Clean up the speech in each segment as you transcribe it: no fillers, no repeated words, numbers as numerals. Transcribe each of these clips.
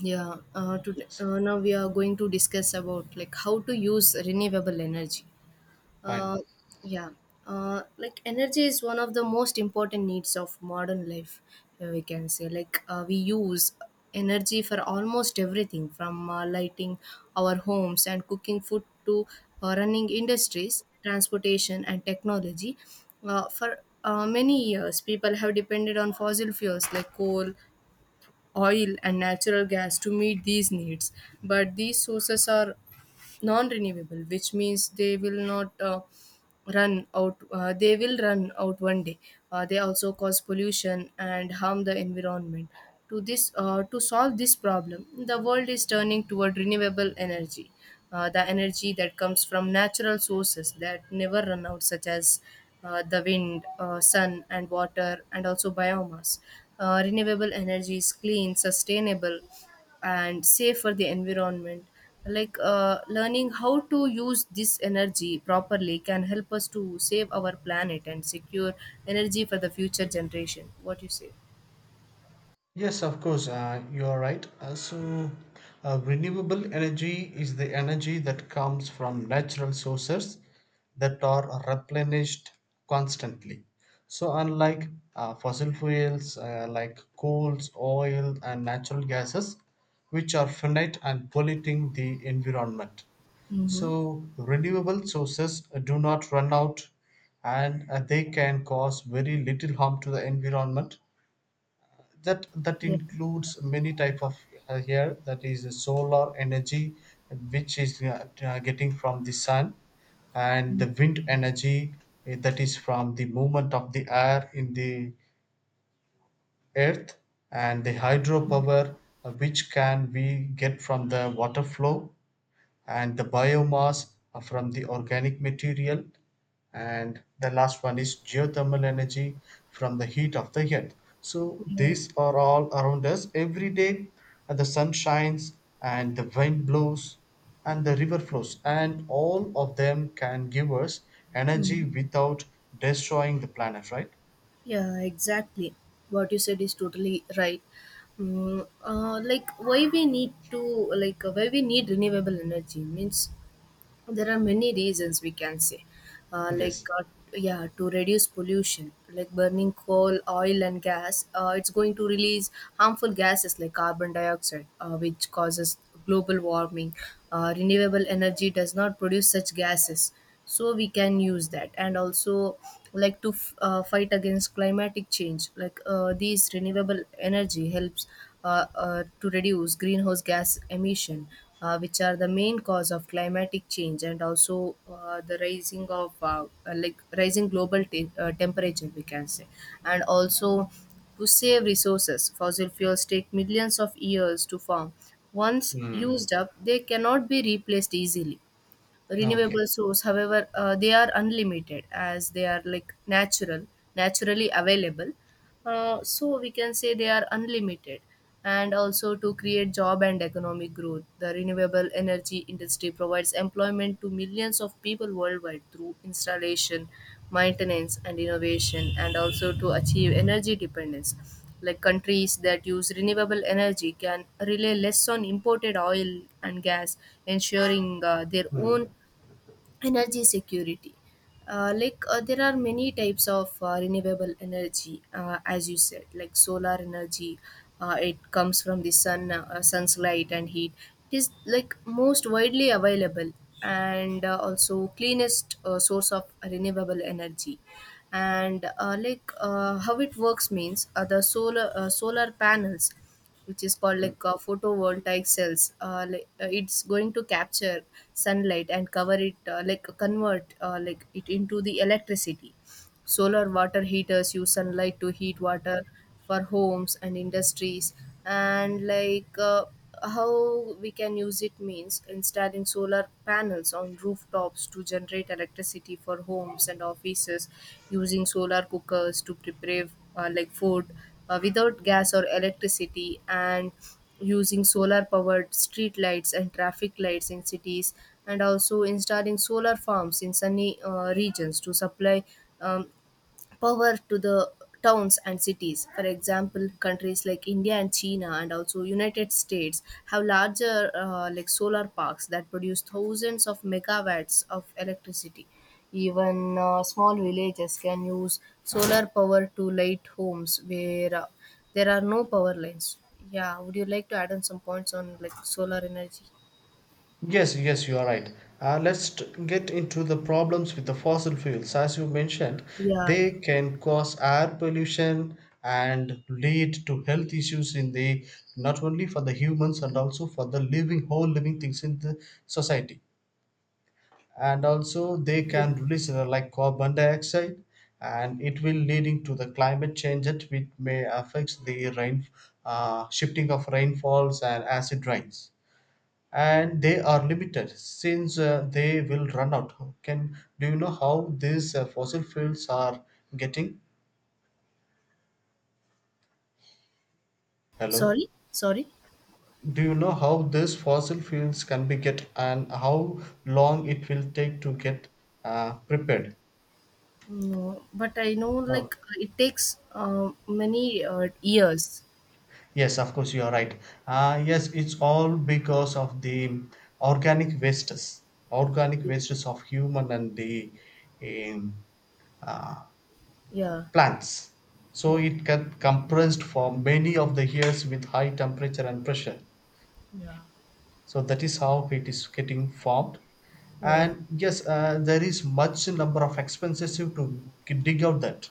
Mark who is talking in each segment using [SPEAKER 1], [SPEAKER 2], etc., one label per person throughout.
[SPEAKER 1] Now we are going to discuss about like how to use renewable energy. uh,
[SPEAKER 2] Fine.
[SPEAKER 1] yeah like energy is one of the most important needs of modern life. We can say like we use energy for almost everything, from lighting our homes and cooking food to running industries, transportation and technology. For many years people have depended on fossil fuels like coal, oil and natural gas to meet these needs, but these sources are non-renewable, which means they will not run out. They will run out one day. They also cause pollution and harm the environment. To solve this problem the world is turning toward renewable energy, the energy that comes from natural sources that never run out, such as the wind, sun and water, and also biomass. Renewable energy is clean, sustainable and safe for the environment. Like learning how to use this energy properly can help us to save our planet and secure energy for the future generation. What you say?
[SPEAKER 2] Yes, of course, you are right. Renewable energy is the energy that comes from natural sources that are replenished constantly. So, unlike fossil fuels like coals, oil, and natural gases, which are finite and polluting the environment.
[SPEAKER 1] Mm-hmm.
[SPEAKER 2] So, renewable sources do not run out, and they can cause very little harm to the environment that
[SPEAKER 1] Yeah.
[SPEAKER 2] includes many type of here, that is the solar energy, which is getting from the sun, and the wind energy, that is from the movement of the air in the earth, and the hydropower, which can we get from the water flow, and the biomass from the organic material, and the last one is geothermal energy from the heat of the earth. So these are all around us every day, and the sun shines, and the wind blows, and the river flows, and all of them can give us energy
[SPEAKER 1] Mm.
[SPEAKER 2] without destroying the planet, right?
[SPEAKER 1] Yeah, exactly. What you said is totally right. Like why we need to, like why we need renewable energy means there are many reasons we can say. uh, like
[SPEAKER 2] Yes.
[SPEAKER 1] uh, yeah, to reduce pollution, like burning coal, oil and gas, it's going to release harmful gases like carbon dioxide, which causes global warming. Renewable energy does not produce such gases, so we can use that. And also, like, fight against climatic change, like these renewable energy helps to reduce greenhouse gas emission, which are the main cause of climatic change, and also the rising of like rising temperature we can say. And also, to save resources, fossil fuels take millions of years to form. Once
[SPEAKER 2] Hmm.
[SPEAKER 1] used up, they cannot be replaced easily.
[SPEAKER 2] Okay.
[SPEAKER 1] Renewable source, however, they are unlimited, as they are like naturally available. So we can say they are unlimited. And also to create job and economic growth, the renewable energy industry provides employment to millions of people worldwide through installation, maintenance and innovation. And also to achieve energy dependence, like countries that use renewable energy can rely less on imported oil and gas, ensuring their
[SPEAKER 2] Hmm.
[SPEAKER 1] own energy security. There are many types of renewable energy. As you said, like solar energy, it comes from the sun, sun's light and heat. It is like most widely available and also cleanest source of renewable energy. And how it works means the solar panels, which is called
[SPEAKER 2] Hmm.
[SPEAKER 1] like photovoltaic cells, it's going to capture sunlight and cover it, like convert like it into the electricity. Solar water heaters use sunlight to heat water for homes and industries. And like how we can use it means installing solar panels on rooftops to generate electricity for homes and offices, using solar cookers to prepare like food without gas or electricity, and using solar powered street lights and traffic lights in cities, and also installing solar farms in sunny regions to supply um, power to the towns and cities. For example, countries like India and China and also United States have larger like solar parks that produce thousands of megawatts of electricity. Even small villages can use solar power to light homes where there are no power lines. Yeah, would you like to add on some points on like solar energy?
[SPEAKER 2] Yes, yes, you are right. Get into the problems with the fossil fuels. As you mentioned,
[SPEAKER 1] Yeah, yeah.
[SPEAKER 2] they can cause air pollution and lead to health issues in the, not only for the humans and also for the living, whole living things in the society. And also they
[SPEAKER 1] Yeah.
[SPEAKER 2] can release like carbon dioxide, and it will leading to the climate change that which may affects the rain, shifting of rainfalls and acid rains, and they are limited since they will run out. Can, do you know how these fossil fuels are getting? Hello?
[SPEAKER 1] Sorry, sorry.
[SPEAKER 2] Do you know how these fossil fuels can be get, and how long it will take to get prepared?
[SPEAKER 1] No, but I know
[SPEAKER 2] Oh,
[SPEAKER 1] like it takes many years.
[SPEAKER 2] yes, of course, you are right. Yes, it's all because of the organic wastes, organic wastes of human and the um,
[SPEAKER 1] Yeah.
[SPEAKER 2] plants. So
[SPEAKER 1] Mm.
[SPEAKER 2] it got compressed for many of the years with high temperature and pressure.
[SPEAKER 1] Yeah.
[SPEAKER 2] So that is how it is getting formed.
[SPEAKER 1] Yeah.
[SPEAKER 2] And yes, there is much number of expenses to dig out that,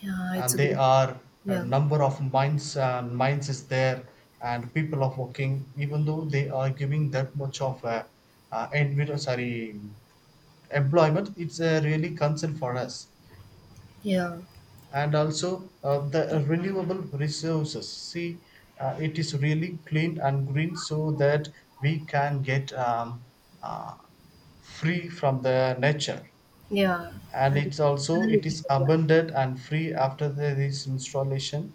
[SPEAKER 1] Yeah, it's
[SPEAKER 2] and
[SPEAKER 1] a
[SPEAKER 2] they
[SPEAKER 1] good.
[SPEAKER 2] are a
[SPEAKER 1] Yeah.
[SPEAKER 2] number of mines and mines is there, and people are working. Even though they are giving that much of a, sorry, employment, it's a really concern for us.
[SPEAKER 1] Yeah.
[SPEAKER 2] And also the renewable resources, see, it is really clean and green, so that we can get uh, free from the nature,
[SPEAKER 1] Yeah.
[SPEAKER 2] and
[SPEAKER 1] And
[SPEAKER 2] it's also, it is
[SPEAKER 1] analytical, yeah.
[SPEAKER 2] abundant and free after the, this installation,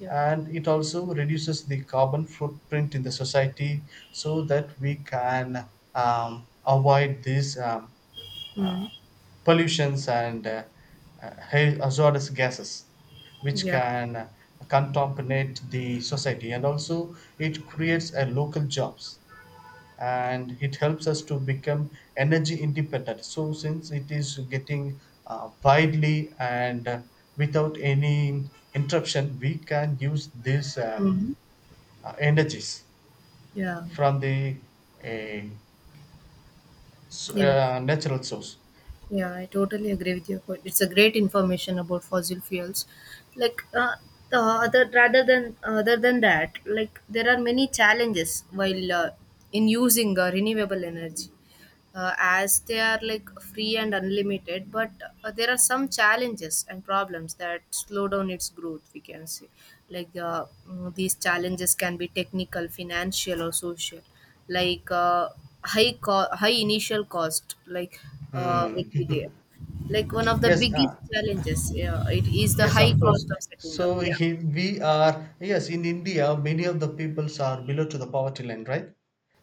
[SPEAKER 1] Yeah.
[SPEAKER 2] and it also reduces the carbon footprint in the society, so that we can avoid these uh,
[SPEAKER 1] Mm.
[SPEAKER 2] pollutions and hazardous gases which
[SPEAKER 1] Yeah.
[SPEAKER 2] can contaminate the society. And also it creates a local jobs, and it helps us to become energy independent, so since it is getting widely and without any interruption, we can use these
[SPEAKER 1] Hmm.
[SPEAKER 2] energies
[SPEAKER 1] Yeah.
[SPEAKER 2] from the uh,
[SPEAKER 1] Yes.
[SPEAKER 2] natural source.
[SPEAKER 1] Yeah, I totally agree with your point. It's a great information about fossil fuels. Like the other rather than other than that, like there are many challenges while in using renewable energy. As they are like free and unlimited, but there are some challenges and problems that slow down its growth, we can say. These challenges can be technical, financial or social. like uh, High initial cost, like
[SPEAKER 2] Hmm.
[SPEAKER 1] will be there. Like one of the
[SPEAKER 2] yes,
[SPEAKER 1] biggest challenges, yeah, it is the
[SPEAKER 2] yes,
[SPEAKER 1] high
[SPEAKER 2] of course.
[SPEAKER 1] cost of setting up.
[SPEAKER 2] So
[SPEAKER 1] Yeah,
[SPEAKER 2] he, we are, yes, in India, many of the peoples are below to the poverty line, right?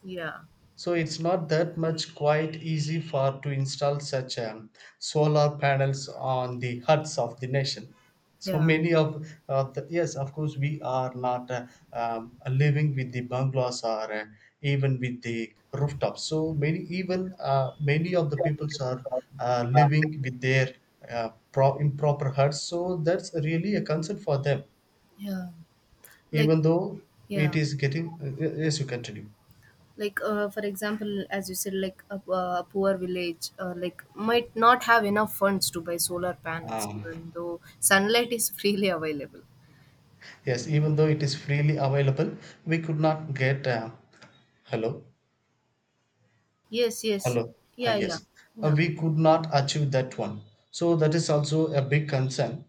[SPEAKER 1] yeah,
[SPEAKER 2] So it's not that much quite easy for to install such solar panels on the huts of the nation. So
[SPEAKER 1] yeah,
[SPEAKER 2] many of the, yes, of course, we are not living with the bungalows or even with the rooftops. So many, even many of the peoples are living with their improper huts. So that's really a concern for them,
[SPEAKER 1] yeah, like,
[SPEAKER 2] even though
[SPEAKER 1] yeah.
[SPEAKER 2] it is getting. Yes, you continue.
[SPEAKER 1] Like for example, as you said, like a poor village like might not have enough funds to buy solar panels,
[SPEAKER 2] Um,
[SPEAKER 1] even though sunlight is freely available.
[SPEAKER 2] Yes, even though it is freely available, we could not get. Hello,
[SPEAKER 1] Yes, yes.
[SPEAKER 2] hello. Ah,
[SPEAKER 1] Yeah, yeah,
[SPEAKER 2] yes.
[SPEAKER 1] yeah.
[SPEAKER 2] We could not achieve that one. So that is also a big concern.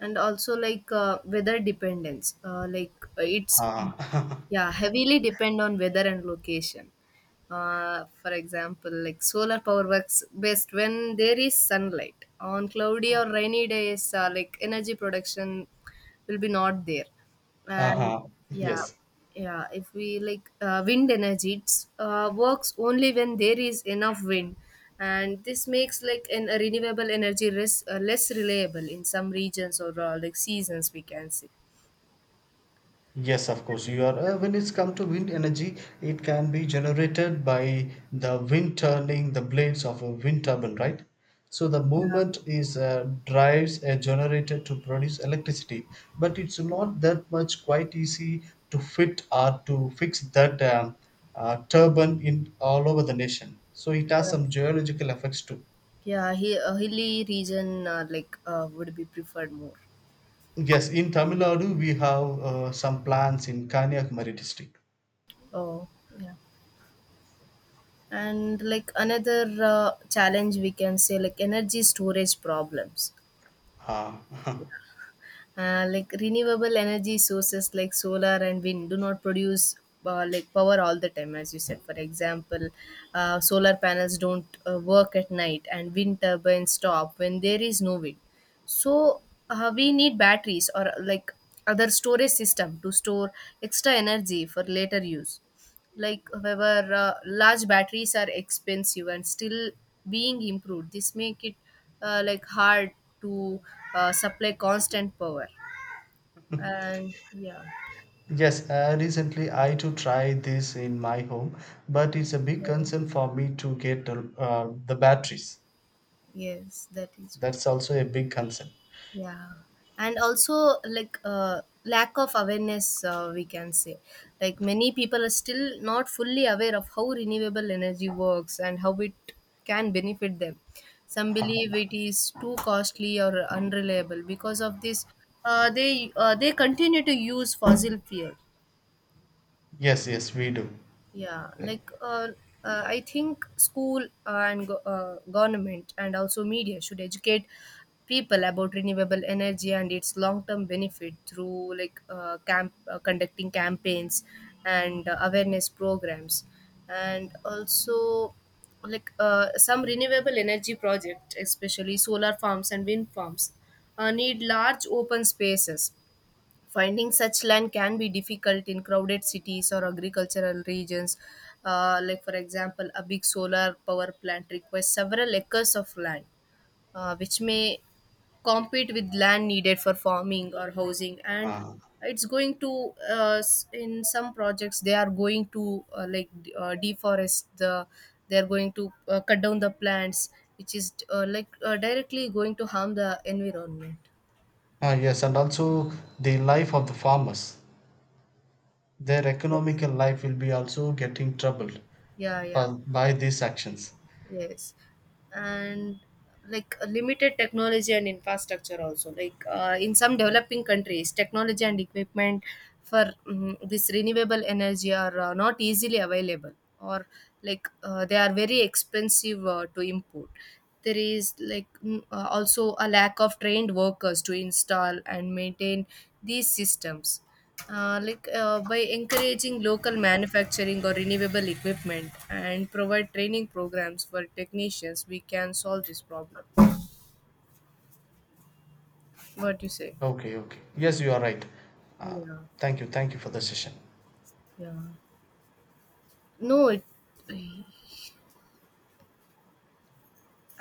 [SPEAKER 1] And also like weather dependence. It's,
[SPEAKER 2] Ah,
[SPEAKER 1] yeah, heavily depend on weather and location. For example, like solar power works best when there is sunlight. On cloudy or rainy days like energy production will be not there. And
[SPEAKER 2] uh-huh.
[SPEAKER 1] yeah,
[SPEAKER 2] Yes.
[SPEAKER 1] yeah. If we like wind energy, works only when there is enough wind. And this makes like a renewable energy less reliable in some regions or like seasons we can see.
[SPEAKER 2] Yes, of course, you are. When it's come to wind energy, it can be generated by the wind turning the blades of a wind turbine, right? So the movement is drives a generator to produce electricity, but it's not that much quite easy to fit or to fix that turbine in all over the nation. So it has
[SPEAKER 1] Yeah,
[SPEAKER 2] some geological effects too.
[SPEAKER 1] yeah, a hilly region would be preferred more.
[SPEAKER 2] Yes, in Tamil Nadu we have some plants in Kanyakumari district.
[SPEAKER 1] Oh, yeah. And like another challenge we can say, like energy storage problems.
[SPEAKER 2] Ah.
[SPEAKER 1] Like renewable energy sources like solar and wind do not produce like power all the time. As you said, for example, solar panels don't work at night, and wind turbines stop when there is no wind. So we need batteries or like other storage system to store extra energy for later use. Like however large batteries are expensive and still being improved. This make it like hard to supply constant power. And yeah,
[SPEAKER 2] Yes, recently I too tried this in my home, but it's a big
[SPEAKER 1] yeah,
[SPEAKER 2] concern for me to get the batteries.
[SPEAKER 1] yes, that is what.
[SPEAKER 2] That's also a big concern.
[SPEAKER 1] Yeah. And also like lack of awareness, we can say. Like many people are still not fully aware of how renewable energy works and how it can benefit them. Some
[SPEAKER 2] Uh,
[SPEAKER 1] believe it is too costly or unreliable. Because of this they continue to use fossil fuel.
[SPEAKER 2] yes, yes, we do.
[SPEAKER 1] Yeah, like I think school and government and also media should educate people about renewable energy and its long-term benefit through like camp conducting campaigns and awareness programs. And also like some renewable energy project, especially solar farms and wind farms, need large open spaces. Finding such land can be difficult in crowded cities or agricultural regions. Like for example, a big solar power plant requires several acres of land, which may compete with land needed for farming or housing. And
[SPEAKER 2] Uh,
[SPEAKER 1] it's going to in some projects, they are going to deforest the, they are going to cut down the plants, which is directly going to harm the environment.
[SPEAKER 2] yes, and also the life of the farmers. Their
[SPEAKER 1] Yes,
[SPEAKER 2] economical life will be also getting troubled
[SPEAKER 1] yeah, yeah.
[SPEAKER 2] for, by these actions.
[SPEAKER 1] Yes, and like a limited technology and infrastructure also. Like in some developing countries, technology and equipment for this renewable energy are not easily available, or like they are very expensive to import. There is like also a lack of trained workers to install and maintain these systems. By encouraging local manufacturing or renewable equipment and provide training programs for technicians, we can solve this problem. What do you say?
[SPEAKER 2] Okay, okay. Yes, you are right. Uh,
[SPEAKER 1] Yeah,
[SPEAKER 2] thank you for the session.
[SPEAKER 1] yeah. No, it,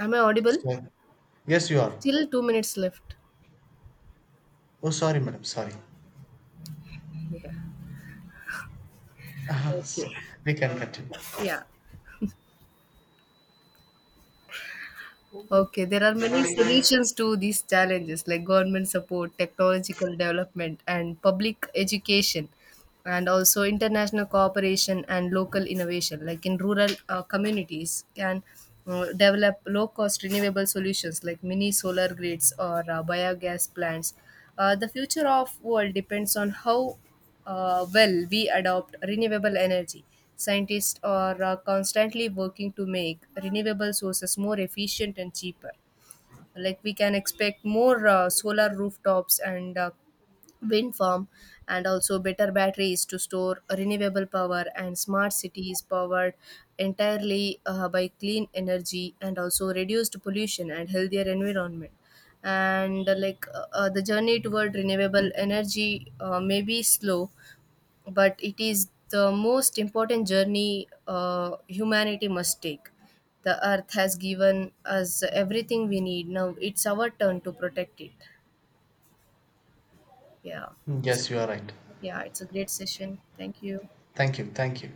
[SPEAKER 1] am I audible?
[SPEAKER 2] So, yes, you are.
[SPEAKER 1] Still 2 minutes left.
[SPEAKER 2] Oh, sorry, madam, sorry.
[SPEAKER 1] Yeah,
[SPEAKER 2] so we can continue.
[SPEAKER 1] yeah. Okay, there are many solutions to these challenges, like government support, technological development and public education, and also international cooperation and local innovation. Like in rural communities can develop low cost renewable solutions like mini solar grids or biogas plants. The future of world depends on how well we adopt renewable energy. Scientists are constantly working to make renewable sources more efficient and cheaper. Like we can expect more solar rooftops and wind farm, and also better batteries to store renewable power, and smart cities powered entirely by clean energy, and also reduced pollution and healthier environment. And the journey toward renewable energy may be slow, but it is the most important journey humanity must take. The earth has given us everything we need. Now it's our turn to protect it. Yeah.
[SPEAKER 2] Mm,
[SPEAKER 1] So
[SPEAKER 2] yes, you are right.
[SPEAKER 1] yeah, it's a great session. Thank you.
[SPEAKER 2] Thank you. Thank you.